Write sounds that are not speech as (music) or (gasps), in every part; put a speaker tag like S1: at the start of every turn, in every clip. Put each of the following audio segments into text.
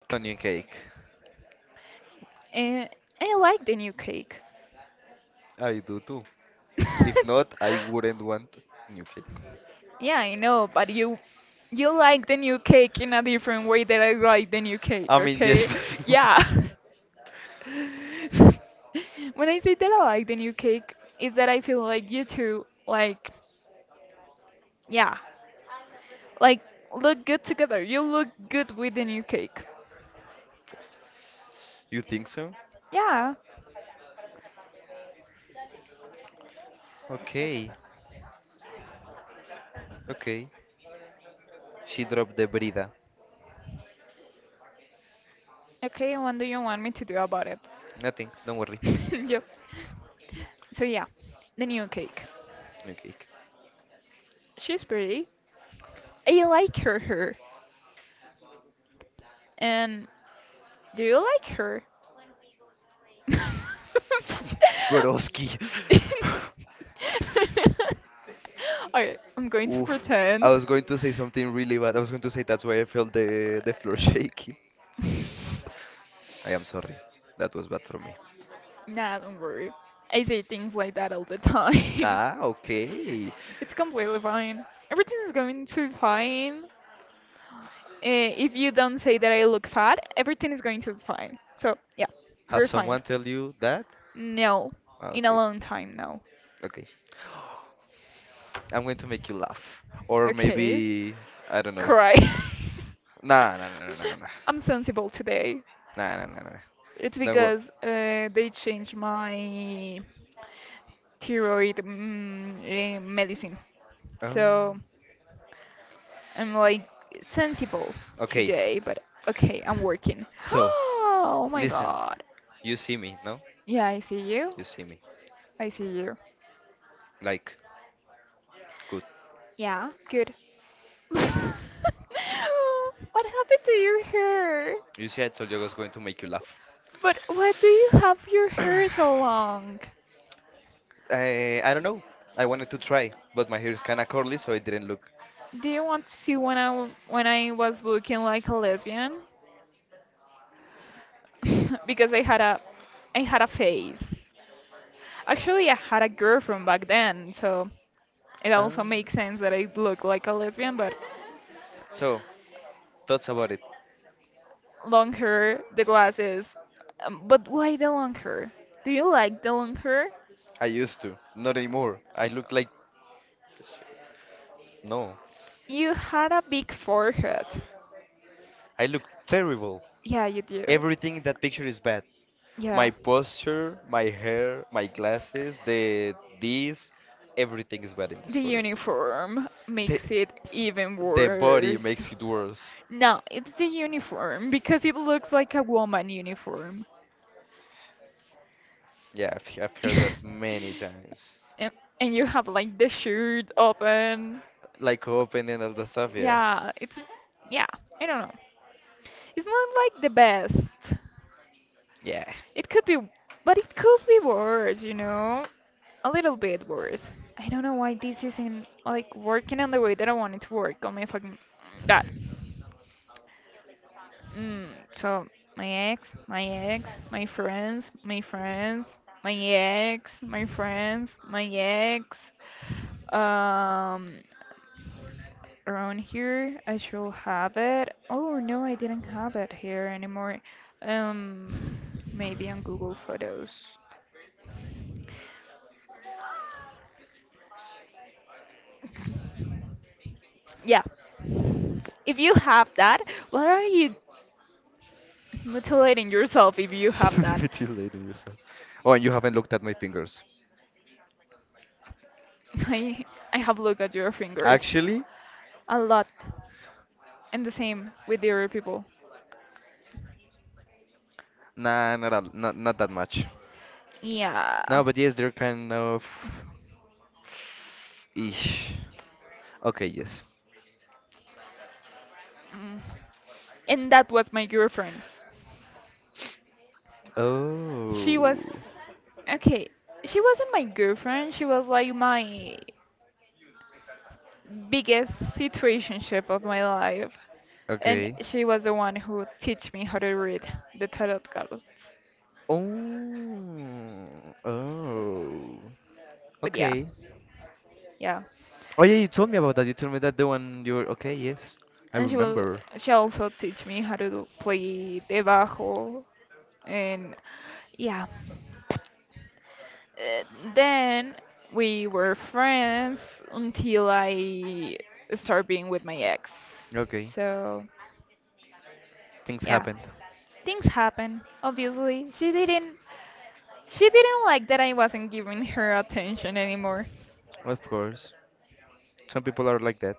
S1: So new cake.
S2: Uh, I like the new cake.
S1: I do too. If
S2: (laughs)
S1: not, I wouldn't want new cake.
S2: Yeah, I know, but you like the new cake in a different way that I like the new cake,
S1: I mean, yes.
S2: okay? (laughs) Yeah.
S1: (laughs)
S2: (laughs) When I say that I like the new cake, is that I feel like you two like yeah, like look good together. You look good with the new cake.
S1: You think so?
S2: Yeah.
S1: Okay. Okay. She dropped the brida.
S2: Okay, what do you want me to do about it?
S1: Nothing. Don't worry.
S2: (laughs) Yep. So yeah, the new cake.
S1: New cake.
S2: She's pretty. I like her hair. And do you like her? (laughs)
S1: Broski. (laughs)
S2: Okay, I'm going to
S1: Oof. I
S2: pretend.
S1: was going to say something really bad. I was going to say that's why I felt the floor (laughs) shaking.
S2: (laughs)
S1: I am sorry. That was bad for me.
S2: Nah, don't worry. I say things like that all the time. (laughs)
S1: Ah, okay.
S2: It's completely fine. Everything is going to be fine. If you don't say that I look fat, everything is going to be fine. So, yeah,
S1: Have
S2: we're fine.
S1: someone tell you that?
S2: No,
S1: Ah,
S2: in a
S1: okay.
S2: long time, no.
S1: Okay. I'm going to make you laugh. Or
S2: Okay.
S1: maybe I don't know.
S2: Cry. (laughs)
S1: Nah, nah, nah, nah, nah, nah,
S2: I'm sensible today.
S1: nah, nah, nah, nah, nah, nah.
S2: It's
S1: Don't go.
S2: because they changed my thyroid medicine.
S1: Oh.
S2: So I'm like sensible
S1: Okay.
S2: today, but okay, I'm working. (gasps)
S1: So
S2: Oh my
S1: listen.
S2: god.
S1: You see me, no?
S2: Yeah, I see you.
S1: You see me.
S2: I see you.
S1: Like, good.
S2: Yeah, good. (laughs) What happened to your hair?
S1: You see, I told you I was going to make you laugh.
S2: But why do you have your
S1: (clears throat)
S2: hair so
S1: (coughs)
S2: long?
S1: I don't know. I wanted to try, but my hair is kinda curly, so it didn't look.
S2: Do you want to see when I was looking like a lesbian? (laughs) Because I had a face. Actually, I had a girlfriend back then, so it
S1: Ah.
S2: also makes sense that I look like a lesbian, but
S1: So thoughts about it.
S2: long hair, the glasses. But why the long hair? Do you like the long hair?
S1: I used to, not anymore. I look like no.
S2: You had a big forehead.
S1: I look terrible.
S2: Yeah, you do.
S1: Everything in that picture is bad. My
S2: Yeah.
S1: posture, my hair, my glasses, the this, everything is bad in this
S2: The
S1: photo.
S2: uniform
S1: The
S2: makes it even
S1: the
S2: (laughs)
S1: body makes it worse.
S2: No, it's the uniform because it looks like a woman uniform. (laughs)
S1: Yeah, I've heard that many times.
S2: and, and you have like the shirt open.
S1: Like open and all the stuff. Yeah,
S2: Yeah, it's yeah, I don't know. It's not like the best.
S1: yeah.
S2: It could be, but it could be worse, you know? A little bit worse. I don't know why this isn't like working on the way that I want it to work. Oh my fucking god. Mm, so my ex, my ex, my friends, my friends, my ex, my friends, my ex. Um, Around here I should have it. Oh no, I didn't have it here anymore. Um, Maybe on Google Photos. Yeah. If you have that, what are you mutilating yourself if you have
S1: (laughs)
S2: that?
S1: Mutilating yourself. Oh, and you haven't looked at my fingers.
S2: (laughs) I I have looked at your fingers
S1: Actually,
S2: a lot. And the same with the other people.
S1: nah, not al- not not that much. No,
S2: Yeah.
S1: but yes, they're kind of. Ish. Okay, yes.
S2: Mm. And that was my girlfriend. She
S1: Oh.
S2: was okay. She wasn't my girlfriend. She was like my biggest situationship of my life. And
S1: Okay.
S2: she was the one who teach me how to read the tarot cards.
S1: Oh, oh,
S2: But yeah,
S1: okay.
S2: yeah.
S1: Oh yeah, you told me about that. You told me that the one you're okay. Yes, I
S2: And she will
S1: remember.
S2: she also teach me play the bajo and yeah. Uh, then we were friends until I started being with my ex,
S1: Okay,
S2: so
S1: things
S2: yeah,
S1: happened.
S2: things happen. Obviously she didn't like that I wasn't giving her attention anymore.
S1: Of course, some people are like that.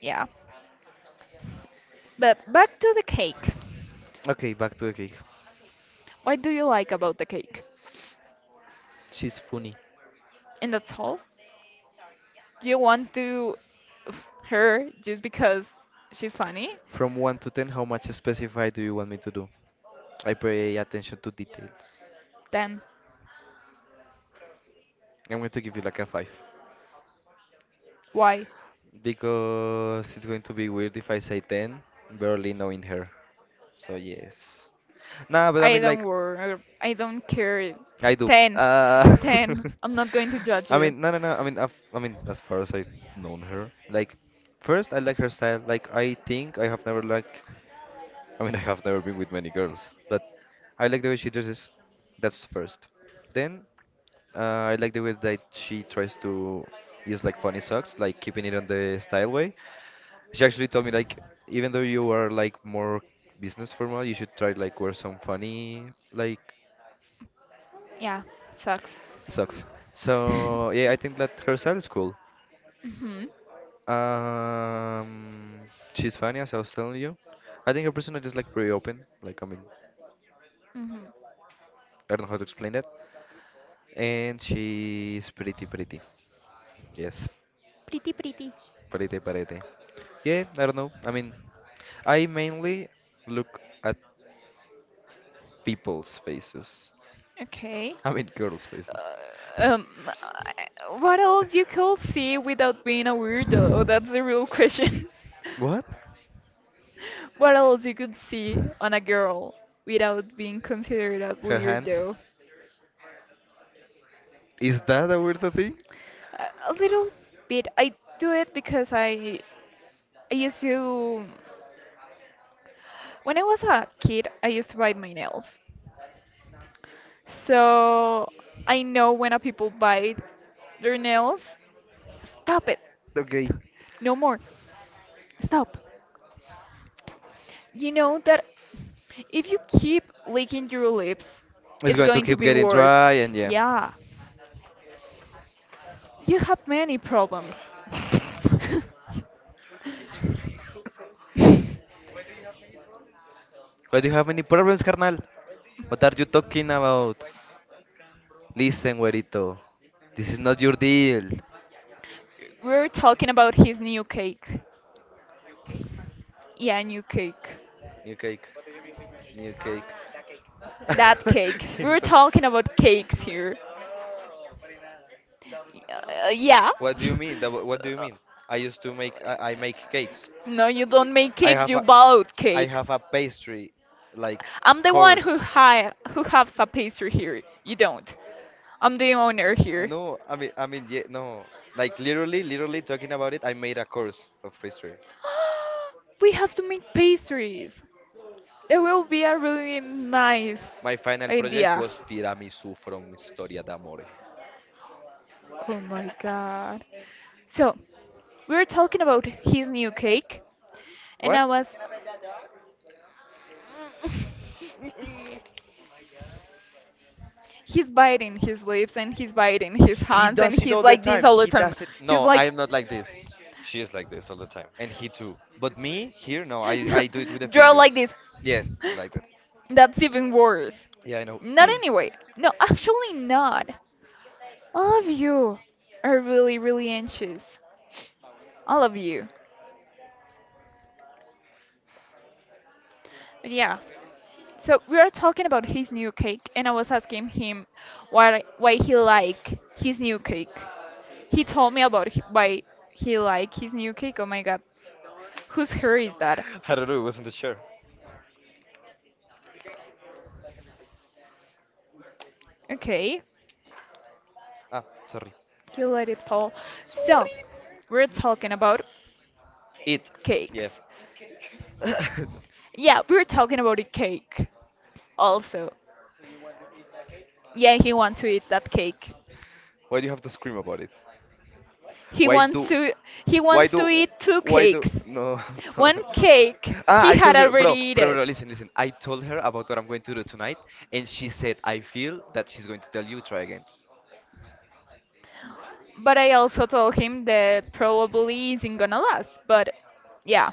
S2: Yeah, but back to the cake.
S1: Okay, back to the cake.
S2: What do you like about the cake
S1: She's funny.
S2: and that's all you want to her just because she's funny,
S1: From 1 to 10, how much specify do you want me to do? I pay attention to details.
S2: then
S1: I'm going to give you like a 5,
S2: why?
S1: because it's going to be weird if I say 10, barely knowing her. So yes. Nah, but I
S2: I
S1: mean
S2: don't
S1: like
S2: worry. I don't care.
S1: I do.
S2: Ten, ten. I'm not going to
S1: (laughs)
S2: judge
S1: I
S2: you.
S1: mean, no, no, no. I mean, I mean, as far as I've known her, like, first I like her style. Like, I think I have never like, I mean, (laughs) I have never been with many girls, but I like the way she dresses. That's first. Then I like the way that she tries to use like funny socks, like keeping it on the style way. She actually told me like, even though you are like more business formal, you should try like wear some funny like
S2: Yeah, sucks.
S1: sucks.
S2: (laughs) Mhm.
S1: So yeah, I think that her style is cool. Um, she's funny, as I was telling you. I think her personality is like pretty open. Like I mean,
S2: Mhm.
S1: I don't know how to explain that. And she's pretty, pretty. Yes,
S2: Pretty, pretty.
S1: pretty, pretty. Yeah, I don't know. I mean, I mainly look at people's faces.
S2: Okay.
S1: I mean, girls' faces.
S2: Uh, um, I- what else you could see without being a weirdo? That's the real question.
S1: What?
S2: (laughs) What else you could see on a girl without being considered a
S1: Her hands?
S2: weirdo?
S1: Is that a weird thing?
S2: A little bit. I do it because I used to when I was a kid, I used to bite my nails. So I know when a people bite their nails, stop it.
S1: Okay,
S2: No more. Stop. You know that if you keep licking your lips,
S1: it's
S2: it's
S1: going to
S2: going to
S1: keep
S2: be
S1: getting
S2: worse.
S1: dry, and
S2: Yeah, you have many problems.
S1: yeah. (laughs)
S2: (laughs)
S1: Why do you have any problems, carnal? What are you talking about? Listen, güerito. This is not your deal.
S2: We're talking about his new cake. Yeah, new cake.
S1: New cake. New cake.
S2: That
S1: (laughs)
S2: cake. We were
S1: He's not-
S2: talking about cakes here. Yeah.
S1: What do
S2: (laughs)
S1: you mean? What do you mean? I make cakes.
S2: No, you don't make
S1: I
S2: cakes.
S1: have
S2: You
S1: a
S2: buy
S1: I
S2: cakes.
S1: have a pastry like
S2: I'm the one
S1: course.
S2: who has a pastry here. You don't. I'm the owner here.
S1: No, I mean yeah, no. Like literally talking about it, I made a course of pastry.
S2: (gasps) We have to make pastries. That will be a really nice
S1: My final project
S2: idea.
S1: was tiramisu from Historia d'Amore.
S2: Oh my god. So, we were talking about his new cake, and
S1: What?
S2: I was (laughs) he's biting his lips and he's biting his
S1: He
S2: hands and
S1: does it
S2: he's
S1: all the
S2: like this
S1: time.
S2: all the
S1: He
S2: time.
S1: does it.
S2: He's
S1: No, I
S2: like,
S1: am not like this. She is like this all the time, and he too. But me here, no, I do it with the
S2: (laughs) draw like
S1: fingers.
S2: this.
S1: Yeah, like that.
S2: That's even worse.
S1: Yeah, I know. (clears throat) (coughs)
S2: Not
S1: I
S2: anyway. No, actually not. All of you are really, really anxious. All of you. But yeah. So we are talking about his new cake, and I was asking him why he like his new cake. He told me about why he liked his new cake. Oh my god, whose hair is that?
S1: don't know. It wasn't the chair.
S2: Okay,
S1: Ah, sorry.
S2: you let it fall. So, we're talking about
S1: It.
S2: cakes.
S1: Yeah. (laughs)
S2: Yeah, we're talking about a cake also. Yeah, he wants to eat that cake.
S1: Why do you have to scream about it?
S2: He
S1: Why
S2: wants
S1: do?
S2: to he
S1: Why
S2: wants
S1: do
S2: to eat two
S1: why do
S2: cakes.
S1: no (laughs) no,
S2: One
S1: no.
S2: cake
S1: Ah,
S2: he
S1: I told
S2: had
S1: her,
S2: already
S1: bro, bro,
S2: eaten,
S1: bro, listen, listen. I told her about what I'm going to do tonight, and she said, I feel that she's going to tell you try again.
S2: but I also told him that probably isn't gonna last. But yeah,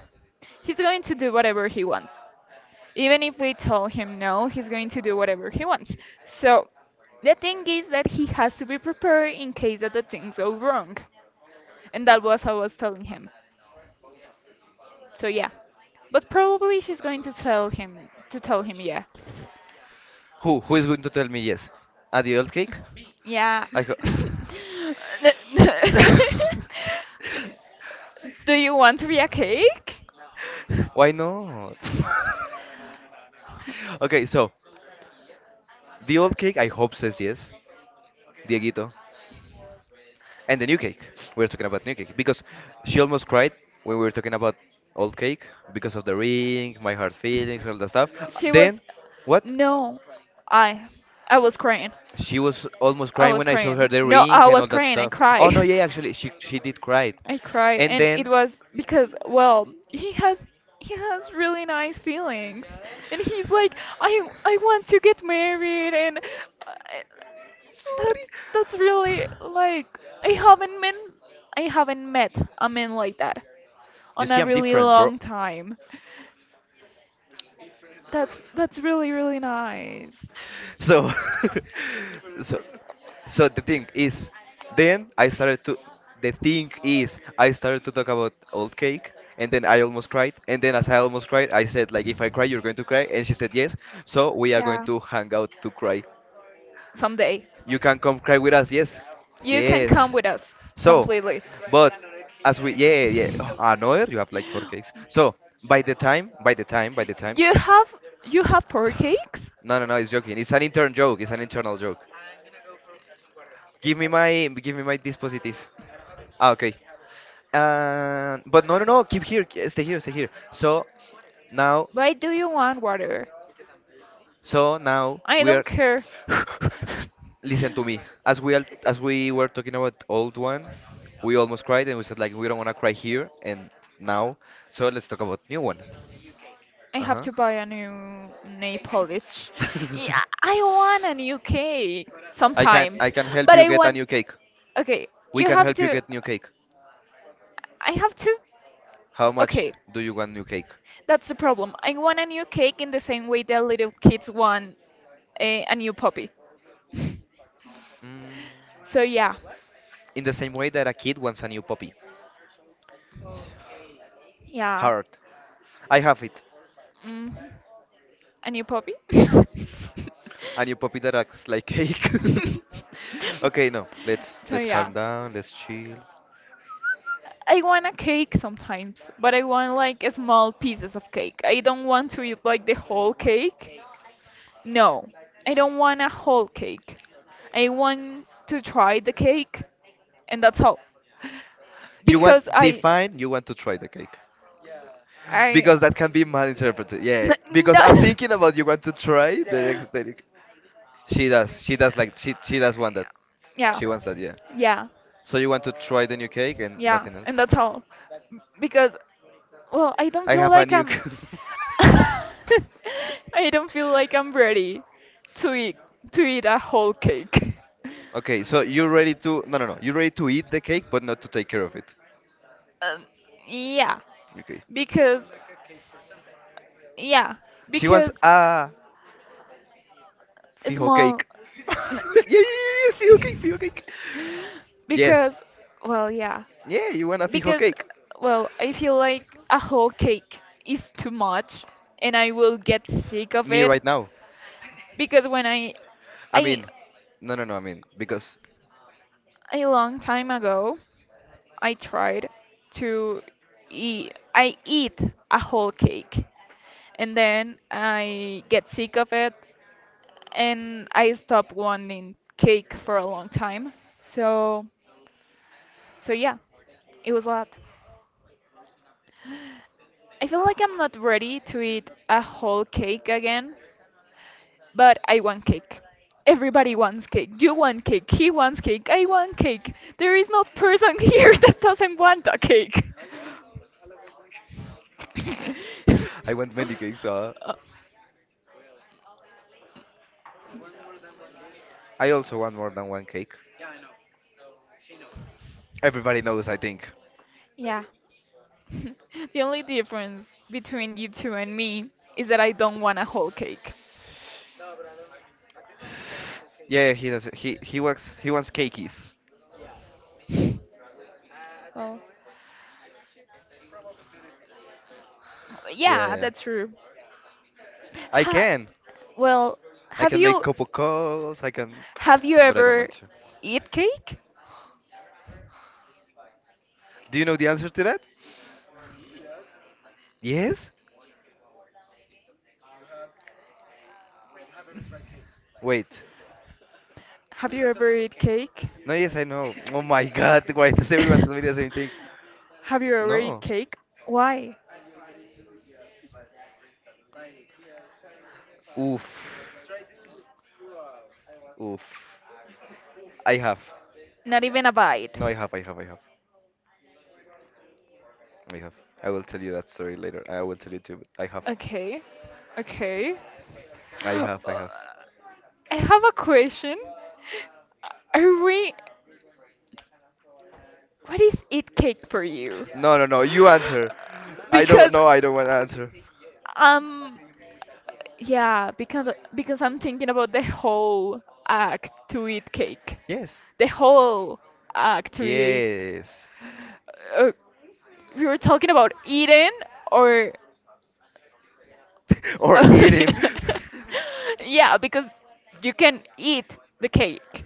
S2: he's going to do whatever he wants. Even if we told him no, he's going to do whatever he wants. So the thing is that he has to be prepared in case that the things go wrong. And that was how I was telling him. So yeah. But probably she's going to tell him yeah.
S1: Who? Who is going to tell me yes? Ah, the old cake?
S2: Yeah.
S1: I go.
S2: (laughs)
S1: (laughs)
S2: Do you want to be a cake?
S1: Why not? (laughs) Okay, so the
S2: (laughs)
S1: old cake, I hope says yes. Dieguito. And the new cake. We are talking about new cake because she almost cried when we were talking about old cake because of the ring, my hard feelings, all that stuff.
S2: She was
S1: Then, what?
S2: no, I I was crying.
S1: She was almost
S2: I
S1: crying
S2: was
S1: when I showed her
S2: crying.
S1: the
S2: No,
S1: ring
S2: I
S1: and all
S2: was
S1: that
S2: crying. I
S1: stuff. Oh no,
S2: cried.
S1: yeah, actually, she did cry.
S2: (laughs) I cried,
S1: And
S2: and it
S1: then,
S2: was because well, he has really nice feelings, and he's like, I want to get married, and uh,
S1: (sighs) sorry.
S2: That's that's really like I haven't been I haven't met a man like that
S1: You
S2: on
S1: see,
S2: a
S1: I'm
S2: really
S1: different, bro.
S2: long time. That's really really nice.
S1: So, (laughs) so so, then i started to the thing is I started to talk about old cake, and then I almost cried, and then as I almost cried I said like, if I cry you're going to cry, and she said yes. So we are going
S2: Yeah.
S1: to hang out to cry.
S2: Someday
S1: You can come cry with us. Yes,
S2: you can come
S1: yes.
S2: with us
S1: So,
S2: completely.
S1: but as we, yeah, yeah, yeah. Oh, another, you have like four cakes. So by the time by the time by the time,
S2: You have you have pork cakes?
S1: no, no, no, it's joking, it's an intern joke it's an internal joke. Give me my dispositive. Ah, okay. But no, no, no. Keep here. Stay here. Stay here. Now,
S2: Why do you want water?
S1: so now
S2: I
S1: we are.
S2: don't care.
S1: (sighs) (laughs) Listen to me. As we were talking about old one, we almost cried and we said like we don't want to cry here and now. So let's talk about new one.
S2: I
S1: Uh
S2: have
S1: huh.
S2: to buy a new nail polish. Yeah, I want a new
S1: (laughs)
S2: cake
S1: I can
S2: sometimes,
S1: I can help
S2: but
S1: you
S2: I
S1: get a
S2: want.
S1: new cake.
S2: Okay,
S1: We
S2: you
S1: can
S2: have
S1: help you
S2: to.
S1: get new cake.
S2: I have to.
S1: How much
S2: Okay,
S1: do you want new cake?
S2: that's the problem. I want a new cake in the same way that little kids want a new puppy.
S1: Mm.
S2: So yeah,
S1: In the same way that a kid wants a new puppy.
S2: yeah,
S1: Hard. I have it.
S2: hmm a new puppy.
S1: A new puppy that acts like cake.
S2: (laughs) (laughs)
S1: (laughs) Okay, no. Let's
S2: So
S1: let's calm
S2: yeah,
S1: down. Let's chill.
S2: I want a cake sometimes, but I want like small pieces of cake. I don't want to eat like the whole cake. No, I don't want a whole cake. I want to try the cake, and that's all.
S1: You
S2: Because
S1: want
S2: I,
S1: define. You want to try the cake,
S2: I,
S1: because that can be malinterpreted. Yeah.
S2: (laughs)
S1: Because
S2: no,
S1: I'm thinking about, you want to try the next.
S2: (laughs)
S1: She does. She does like, she does want that.
S2: yeah,
S1: She wants that. Yeah.
S2: yeah.
S1: So you want to try the new cake and
S2: Yeah,
S1: nothing else.
S2: and that's all. Because, well, I don't
S1: I
S2: feel
S1: have a
S2: like
S1: new.
S2: I'm (laughs) I don't feel like I'm ready to eat to eat a whole cake.
S1: (laughs) Okay. So you're ready to No, no, no. You're ready to eat the cake but not to take care of it.
S2: Um, yeah,
S1: Okay.
S2: Because yeah,
S1: She wants
S2: because
S1: a fijo
S2: small
S1: cake. (laughs)
S2: n-
S1: Yeah, yeah, yeah, yeah, fijo cake, fijo cake. Yes.
S2: because well yeah.
S1: Yeah, you want a fijo
S2: Because
S1: cake.
S2: well, I feel like a whole cake is too much and I will get sick of
S1: Me
S2: it.
S1: right now.
S2: Because when
S1: I
S2: I
S1: mean, no, no, no, I mean, because
S2: a long time ago I tried to eat. I eat a whole cake, and then I get sick of it, and I stopped wanting cake for a long time. So, so yeah, it was a lot. I feel like I'm not ready to eat a whole cake again, but I want cake. Everybody wants cake. You want cake. He wants cake. I want cake. There is no person (laughs) here that doesn't want a cake.
S1: I want many cakes.
S2: (laughs) (laughs)
S1: I also want more than one cake. Everybody knows, I think.
S2: Yeah. (laughs) The only difference between you two and me is that I don't want a whole cake.
S1: Yeah, he does. He wants cakies.
S2: Well,
S1: Yeah, yeah,
S2: yeah,
S1: yeah.
S2: that's true.
S1: I
S2: Ha
S1: can.
S2: well,
S1: I
S2: have
S1: can make
S2: you
S1: couple calls. I can.
S2: have you
S1: But I don't
S2: ever
S1: want to.
S2: eat cake?
S1: Do you know the answer to that? Yes? Wait.
S2: Have you ever eat cake?
S1: No, yes, I know. Oh my god, why does everyone tell me the same
S2: (laughs)
S1: thing?
S2: Have you ever eat
S1: No.
S2: cake? Why?
S1: Oof. Oof. I have.
S2: Not even a bite.
S1: No, I have. I will tell you that story later. I will tell you too. But I have.
S2: Okay. Okay.
S1: I
S2: (gasps)
S1: have, I
S2: Uh,
S1: have.
S2: I have a question. Are we What is eat cake for you?
S1: No, no, no, you answer. I don't, no, I don't want to answer.
S2: um yeah, because I'm thinking about the whole act to eat cake.
S1: Yes.
S2: The whole act to eat
S1: Yes.
S2: uh, we were talking about eating or
S1: (laughs) Or eating.
S2: (laughs) yeah, because you can eat the cake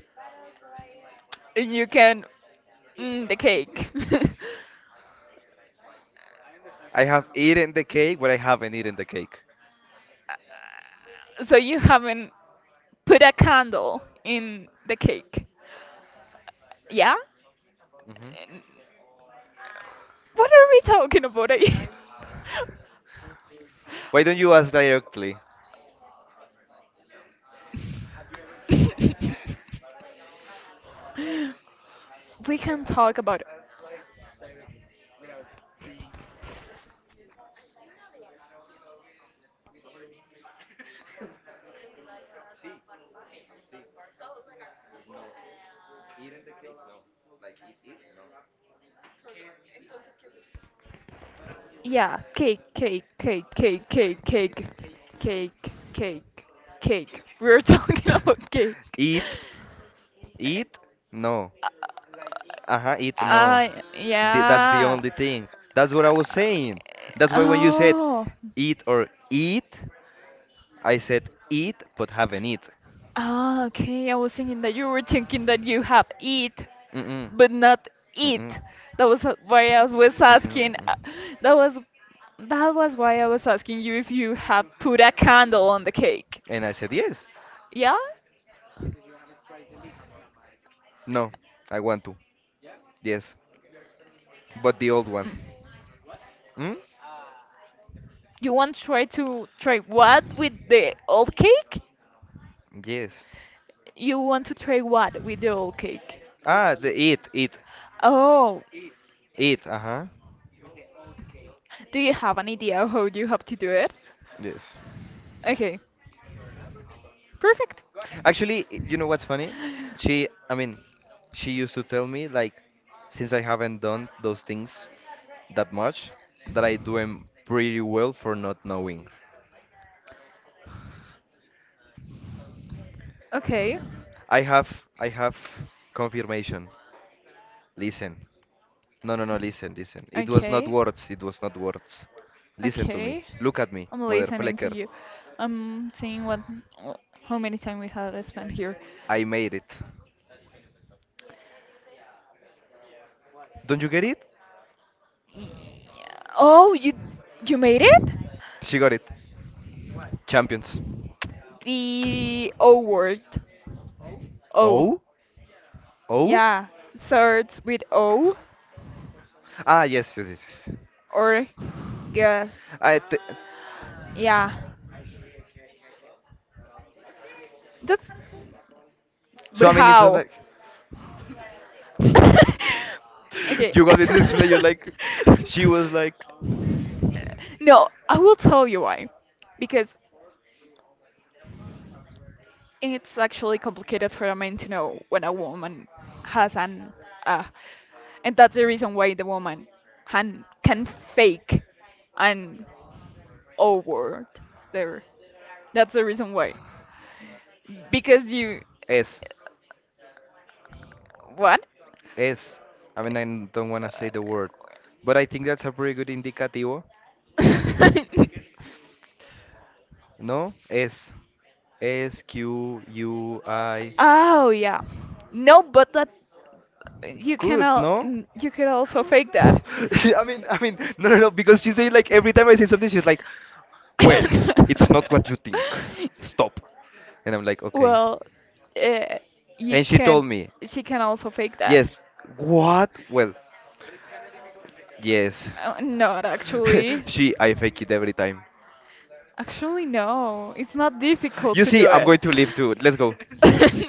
S2: and you can mm, the cake. (laughs)
S1: (laughs) I have eaten the cake, but I haven't eaten the cake.
S2: So you haven't put a candle in the cake. Yeah?
S1: Hmm.
S2: And what are we talking about again?
S1: Why don't you ask directly?
S2: (laughs) We can talk about yeah, cake, cake, cake, cake, cake, cake, cake, cake, cake. We're talking (laughs) about
S1: (laughs)
S2: cake.
S1: Eat, eat, no. Uh-huh, eat, no.
S2: Uh,
S1: That's the
S2: yeah.
S1: only thing. That's what I was saying. That's why when you said
S2: Oh,
S1: eat or eat, I said eat but haven't eat.
S2: ah, okay. I was thinking that you were thinking that you have eat
S1: Mm-mm,
S2: but not
S1: mm-mm,
S2: it. Why I was
S1: mm-mm,
S2: asking.
S1: mm-mm.
S2: That was that was why I was asking you if you have put a candle on the cake.
S1: And I said yes.
S2: Yeah?
S1: No, I want to. Yes, but the old one.
S2: Mm.
S1: Mm?
S2: You want to try what with the old cake?
S1: Yes.
S2: You want to try what with the old cake?
S1: Ah, the it, it,
S2: Oh,
S1: it. Uh-huh.
S2: do you have an idea how you have to do it?
S1: Yes.
S2: Okay, perfect.
S1: Actually, you know what's funny? I mean, she used to tell me like, since I haven't done those things that much, that I do them pretty well for not knowing.
S2: Okay,
S1: I have confirmation. Listen. No, no, no. Listen, listen. It was not
S2: okay,
S1: words. It was not words. Listen to me.
S2: okay.
S1: Look at me,
S2: I'm
S1: mother
S2: listening to
S1: flecker.
S2: you. I'm seeing wh- how many time we had spent here.
S1: I made it. Don't you get it?
S2: Y- Oh, you made it?
S1: She got it. Champions.
S2: The O word. O.
S1: Oh? Oh?
S2: Yeah. Starts with O
S1: Ah, yes, yes, yes, yes.
S2: or guess.
S1: I th
S2: Yeah. That's
S1: So
S2: but
S1: I mean, it's not
S2: how?
S1: like
S2: (laughs)
S1: (laughs)
S2: Okay.
S1: you got me to explain. You're like, she was like,
S2: (laughs) No, I will tell you why. Because And it's actually complicated for a man to know when a woman has an uh, and that's the reason why the woman han can fake an O word there. That's the reason why. Because you
S1: S,
S2: what?
S1: S. I mean, I don't want to say the word, but I think that's a pretty good indicativo.
S2: (laughs)
S1: No, S, SQUI.
S2: Oh yeah. No, but that you can
S1: Good,
S2: al-
S1: no?
S2: n- you could also fake
S1: (laughs)
S2: that.
S1: I mean, no, no, no, because she say like every time I say something, she's like, well,
S2: (laughs)
S1: it's not what you think. Stop. And I'm like, okay.
S2: Well, uh, you
S1: And she told
S2: can.
S1: me,
S2: She can also fake that.
S1: yes. What? Well, yes.
S2: Not
S1: (laughs)
S2: actually.
S1: I fake it every time.
S2: Actually, no. It's not difficult
S1: You
S2: to
S1: see,
S2: do
S1: I'm
S2: it.
S1: going to leave too. Let's go.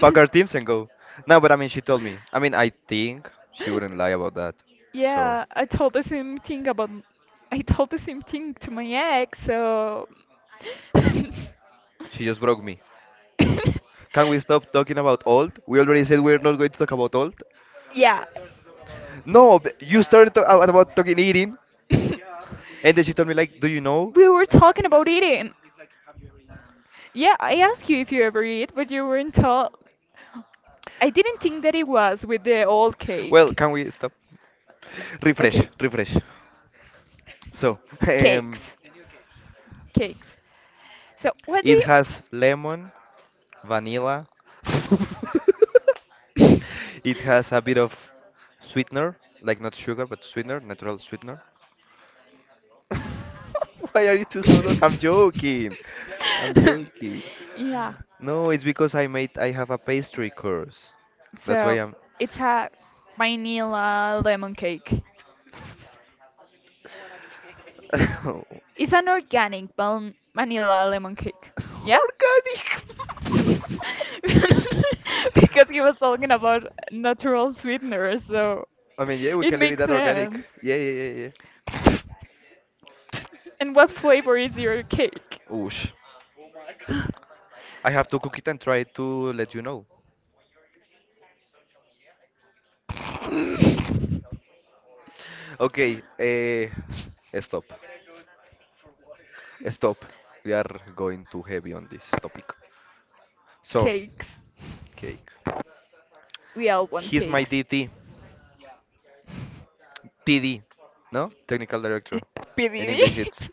S1: Pack our teams and go. No, but I mean, she told me. I mean, I think she wouldn't lie about that. So,
S2: Yeah, I told the same thing about. I told the same thing to my ex, so.
S1: she just broke me.
S2: (laughs)
S1: Can we stop talking about old? We already said we're not going to talk about old.
S2: Yeah.
S1: No, but you started to- about talking eating.
S2: (laughs)
S1: (laughs) And then she told me, like, do you know?
S2: We were talking about eating. Yeah, I asked you if you ever eat, but you weren't tall. I didn't think that it was with the old
S1: Well,
S2: cake.
S1: can we stop? Refresh,
S2: Okay,
S1: refresh. So, (laughs)
S2: cakes.
S1: um,
S2: Cakes. So, what
S1: it
S2: do
S1: has lemon, vanilla. (laughs)
S2: you.
S1: It has a bit of sweetener, like not sugar, but sweetener, natural sweetener. (laughs) Why are you two solos? I'm joking. I'm joking.
S2: (laughs) Yeah,
S1: No, it's because I have a pastry course. That's why
S2: so
S1: I'm
S2: it's a vanilla lemon cake.
S1: (laughs) organic.
S2: It's an organic vanilla lemon cake. Yeah? (laughs) Because he was talking about natural sweeteners, so
S1: I mean, yeah, we
S2: it
S1: can leave it
S2: makes
S1: at organic.
S2: sense.
S1: Yeah, yeah, yeah, yeah.
S2: And what flavor is your cake?
S1: Oosh. I have to cook it and try to let you know.
S2: (laughs)
S1: Okay, stop. Stop. We are going too heavy on this topic. So,
S2: Cakes.
S1: cake.
S2: We all want
S1: He's my
S2: cakes.
S1: DT. PD. No? Technical director.
S2: (laughs)
S1: In
S2: PDD?
S1: English,
S2: (laughs)
S1: it's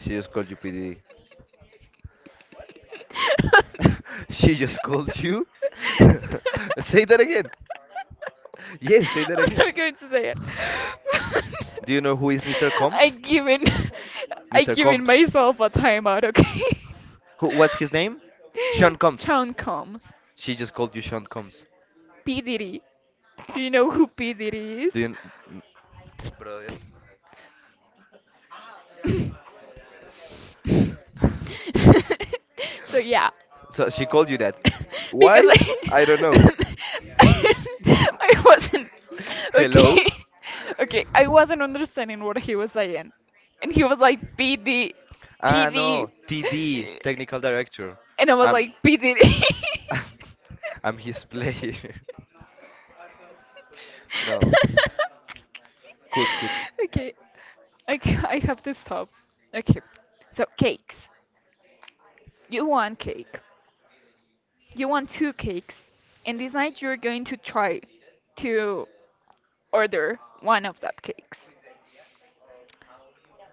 S1: she just called you PD.
S2: (laughs) I'm
S1: (laughs) She just called you? (laughs) Say that again. Yes, say that again.
S2: not going to say it. (laughs)
S1: Do you know who is Mr.
S2: I
S1: Combs?
S2: give in. I
S1: Mr.
S2: give in
S1: Combs.
S2: myself a timeout. Okay.
S1: Who, what's his name? Sean
S2: (laughs)
S1: Combs.
S2: Sean Combs.
S1: She just called you Sean Combs.
S2: P Diddy. Do you know who P. Diddy is?
S1: Do you. Kn- (laughs) Brother.
S2: (laughs) So yeah.
S1: (laughs) So she called you that.
S2: (laughs) Because
S1: Why? I don't know.
S2: I (laughs) I
S1: (laughs)
S2: wasn't
S1: Hello?
S2: okay. (laughs) Okay, I wasn't understanding what he was saying. And he was like PD
S1: Ah,
S2: DD
S1: no, TD, technical director.
S2: (laughs) And I was
S1: I'm,
S2: like, P. Diddy.
S1: (laughs) I'm his player. (laughs) No,
S2: (laughs)
S1: could, could.
S2: Okay, I have to stop. Okay, so cakes. You want cake. You want two cakes. And this night you're going to try to order one of that cakes.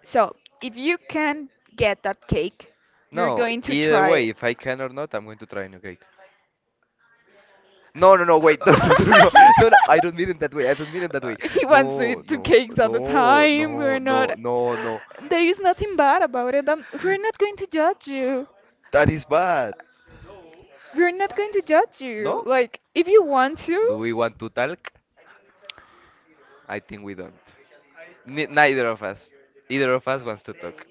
S2: So if you can get that cake, you're
S1: No,
S2: going to
S1: either
S2: try.
S1: way, if I can or not, I'm going to try a new cake. No, no, no, wait, (laughs) no, no,
S2: (laughs)
S1: no, no, no, no, I don't mean it that way. I don't mean it that way.
S2: He wants to
S1: No,
S2: eat two
S1: no,
S2: cakes at a
S1: no,
S2: time. We're
S1: no,
S2: not.
S1: no, no, no.
S2: There is nothing bad about it. We're not going to judge you.
S1: That is bad.
S2: We're not going to judge you.
S1: No?
S2: Like, if you want
S1: Do
S2: to.
S1: we want to talk? I think we don't. Ni- neither of us. Either of us wants to talk.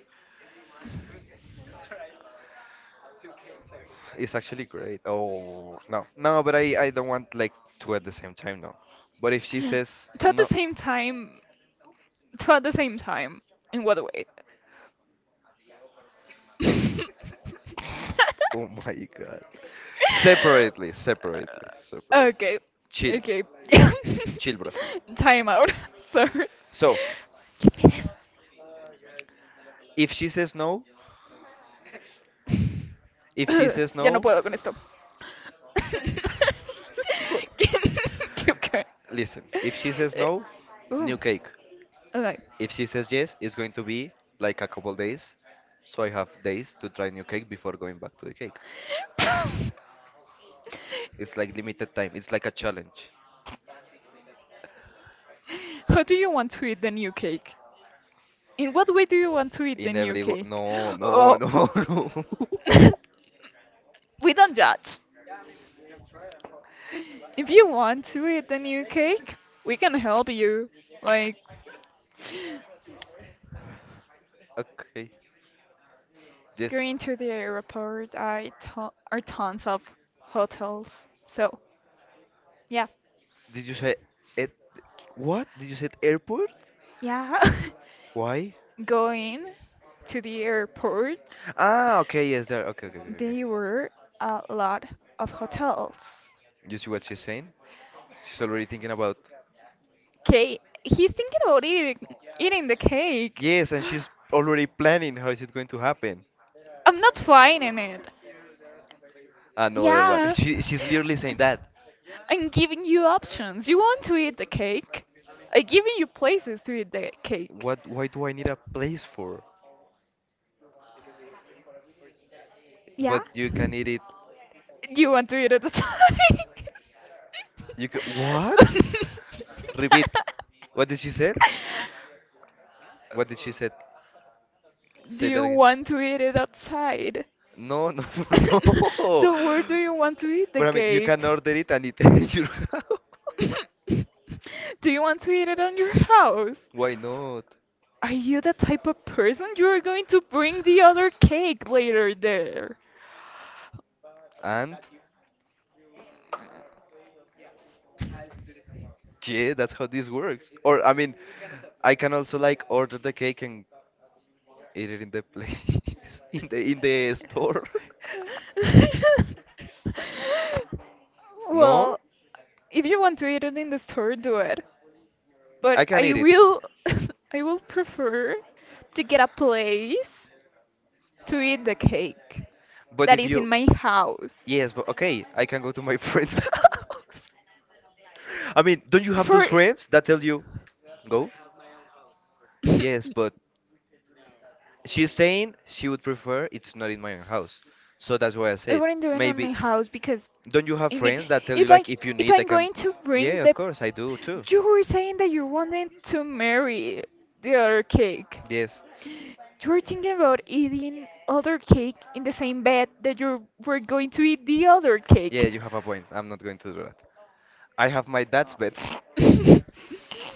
S1: It's actually great. Oh no, no, but I don't want like two at the same time. No, but if she says
S2: Two at the
S1: no,
S2: same time. Two at the same time. In what way? (laughs)
S1: oh my god, separately, separately, separately.
S2: Okay.
S1: Chill,
S2: Okay. (laughs)
S1: chill, bro.
S2: Time out. (laughs) Sorry.
S1: So
S2: ¿Qué pides?
S1: if she says no, if she
S2: Ugh,
S1: says
S2: (laughs) ya no
S1: no,
S2: puedo con esto. (laughs)
S1: (laughs) por-
S2: ¿Qué- qué?
S1: listen. If she says
S2: Eh,
S1: no,
S2: uh,
S1: new cake.
S2: okay. (laughs)
S1: If she says yes, it's going to be like a couple days. So I have days to try new cake before going back to the cake. It's like limited time. It's like a challenge.
S2: How do you want to eat the new cake? In what way do you want to eat the
S1: In
S2: new
S1: every wo-
S2: cake?
S1: no,
S2: (gasps)
S1: no,
S2: Oh,
S1: no, (laughs) no.
S2: (laughs) we don't judge. If you want to eat the new cake, we can help you. Like
S1: Okay. Yes.
S2: going to the airport, are tons of hotels. So yeah,
S1: Did you say it? What? Did you say airport?
S2: yeah,
S1: Why?
S2: (laughs) going to the airport,
S1: Ah, okay. Yes, there. Okay, okay, okay, okay.
S2: there were a lot of hotels.
S1: You see what she's saying? She's already thinking about.
S2: Okay, he's thinking about eating the cake.
S1: Yes, and she's already planning how is it
S2: (gasps)
S1: going to happen.
S2: I'm not flying in it.
S1: Another one. (laughs)
S2: Yeah.
S1: She's literally saying that.
S2: I'm giving you options. You want to eat the cake? I'm giving you places to eat the cake.
S1: What? Why do I need a place for?
S2: Yeah?
S1: But you can eat it.
S2: Do you want to eat it at the time?
S1: You can what?
S2: (laughs)
S1: Repeat. What did she say? What did she say?
S2: Do
S1: Say that
S2: you
S1: again.
S2: want to eat it outside?
S1: No, no, (laughs)
S2: (laughs)
S1: no.
S2: So where do you want to eat the
S1: But I mean, you can
S2: cake?
S1: order it and eat it (laughs) in your house.
S2: Do you want to eat it on your house?
S1: Why not?
S2: Are you the type of person you are going to bring the other cake later there?
S1: And yeah, that's how this works. Or I mean, I can also like order the cake and eat it in the place, (laughs) in the store. (laughs)
S2: (laughs)
S1: No,
S2: Well, if you want to eat it in the store, do it.
S1: I
S2: But
S1: can
S2: I
S1: eat it.
S2: will (laughs) I will prefer to get a place to eat the cake
S1: But
S2: that
S1: if
S2: is in
S1: you,
S2: my house.
S1: yes, but okay, I can go to my friend's (laughs) house. I mean, don't you have those
S2: For
S1: friends that tell you go?
S2: (laughs) I
S1: Yes, but she's saying she would prefer it's not in my own house. So that's why I said
S2: wouldn't do it on
S1: maybe.
S2: my house because
S1: Don't you have
S2: I mean,
S1: friends that tell you
S2: if I
S1: like if you
S2: if
S1: need I
S2: I'm
S1: can?
S2: going to bring
S1: Yeah, of
S2: the
S1: course I do too.
S2: you were saying that you wanted to marry the other cake.
S1: Yes.
S2: You were thinking about eating other cake in the same bed that you were going to eat the other
S1: Yeah,
S2: cake.
S1: you have a point. I'm not going to do that. I have my dad's bed. (laughs)
S2: (laughs)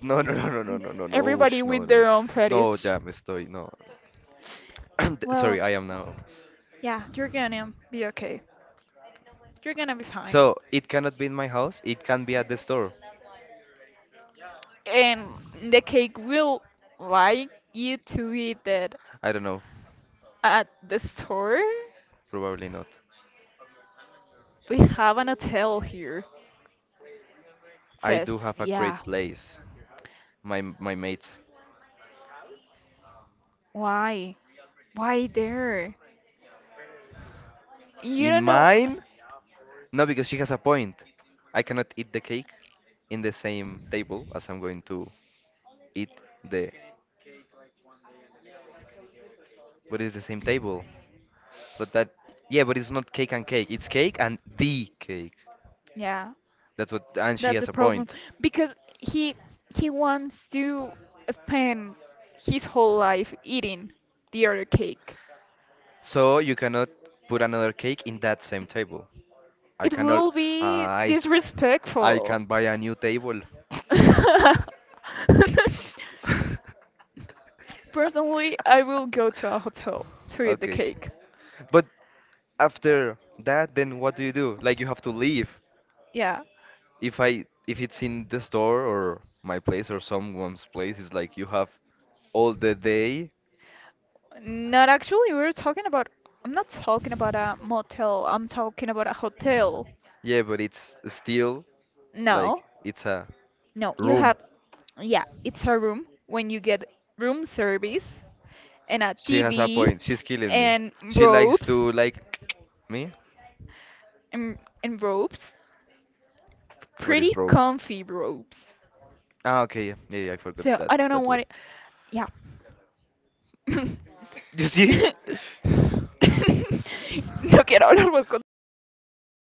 S1: No, no, no, no, no, no, no, no,
S2: Everybody
S1: ush, no,
S2: with
S1: no,
S2: their own
S1: no,
S2: fetish.
S1: ya me estoy, no. (clears throat) Sorry,
S2: Well,
S1: I am now.
S2: yeah, you're gonna be okay. You're gonna be fine.
S1: So it cannot be in my house. It can be at the store.
S2: And the cake will like you to eat it
S1: I don't know.
S2: at the store.
S1: Probably not.
S2: We have an hotel here.
S1: I
S2: Says,
S1: do have a
S2: yeah,
S1: great place. My mates.
S2: why? Why there? You
S1: In
S2: don't know.
S1: mine? No, because she has a point. I cannot eat the cake in the same table as I'm going to eat the. But it's the same table. But that. Yeah, but it's not cake and cake. It's cake and the cake.
S2: Yeah,
S1: That's what. And she
S2: a
S1: has a
S2: problem
S1: point.
S2: because he wants to spend his whole life eating the other cake.
S1: So you cannot put another cake in that same table. I
S2: It
S1: cannot.
S2: will be
S1: I. I
S2: disrespectful.
S1: can buy a new table.
S2: (laughs)
S1: (laughs)
S2: Personally, I will go to a hotel to eat the
S1: Okay.
S2: cake.
S1: But after that, then what do you do? Like you have to leave.
S2: Yeah.
S1: If I if it's in the store or my place or someone's place, it's like you have all the day.
S2: Not actually, we're talking about. I'm not talking about a motel, I'm talking about a hotel.
S1: Yeah, but it's still like
S2: No.
S1: it's a
S2: No, you
S1: room.
S2: have. Yeah, it's a room when you get room service and a
S1: She has a
S2: TV
S1: point. She's killing me.
S2: and
S1: She likes
S2: robes.
S1: to like me.
S2: And, and robes.
S1: What
S2: Pretty
S1: is rope?
S2: comfy robes.
S1: Ah, okay. Yeah, yeah, yeah, I forgot
S2: So
S1: that
S2: I don't know
S1: that
S2: what.
S1: word.
S2: It, yeah, (laughs)
S1: You see?
S2: no quiero hablar más
S1: (laughs) Oof,
S2: contigo.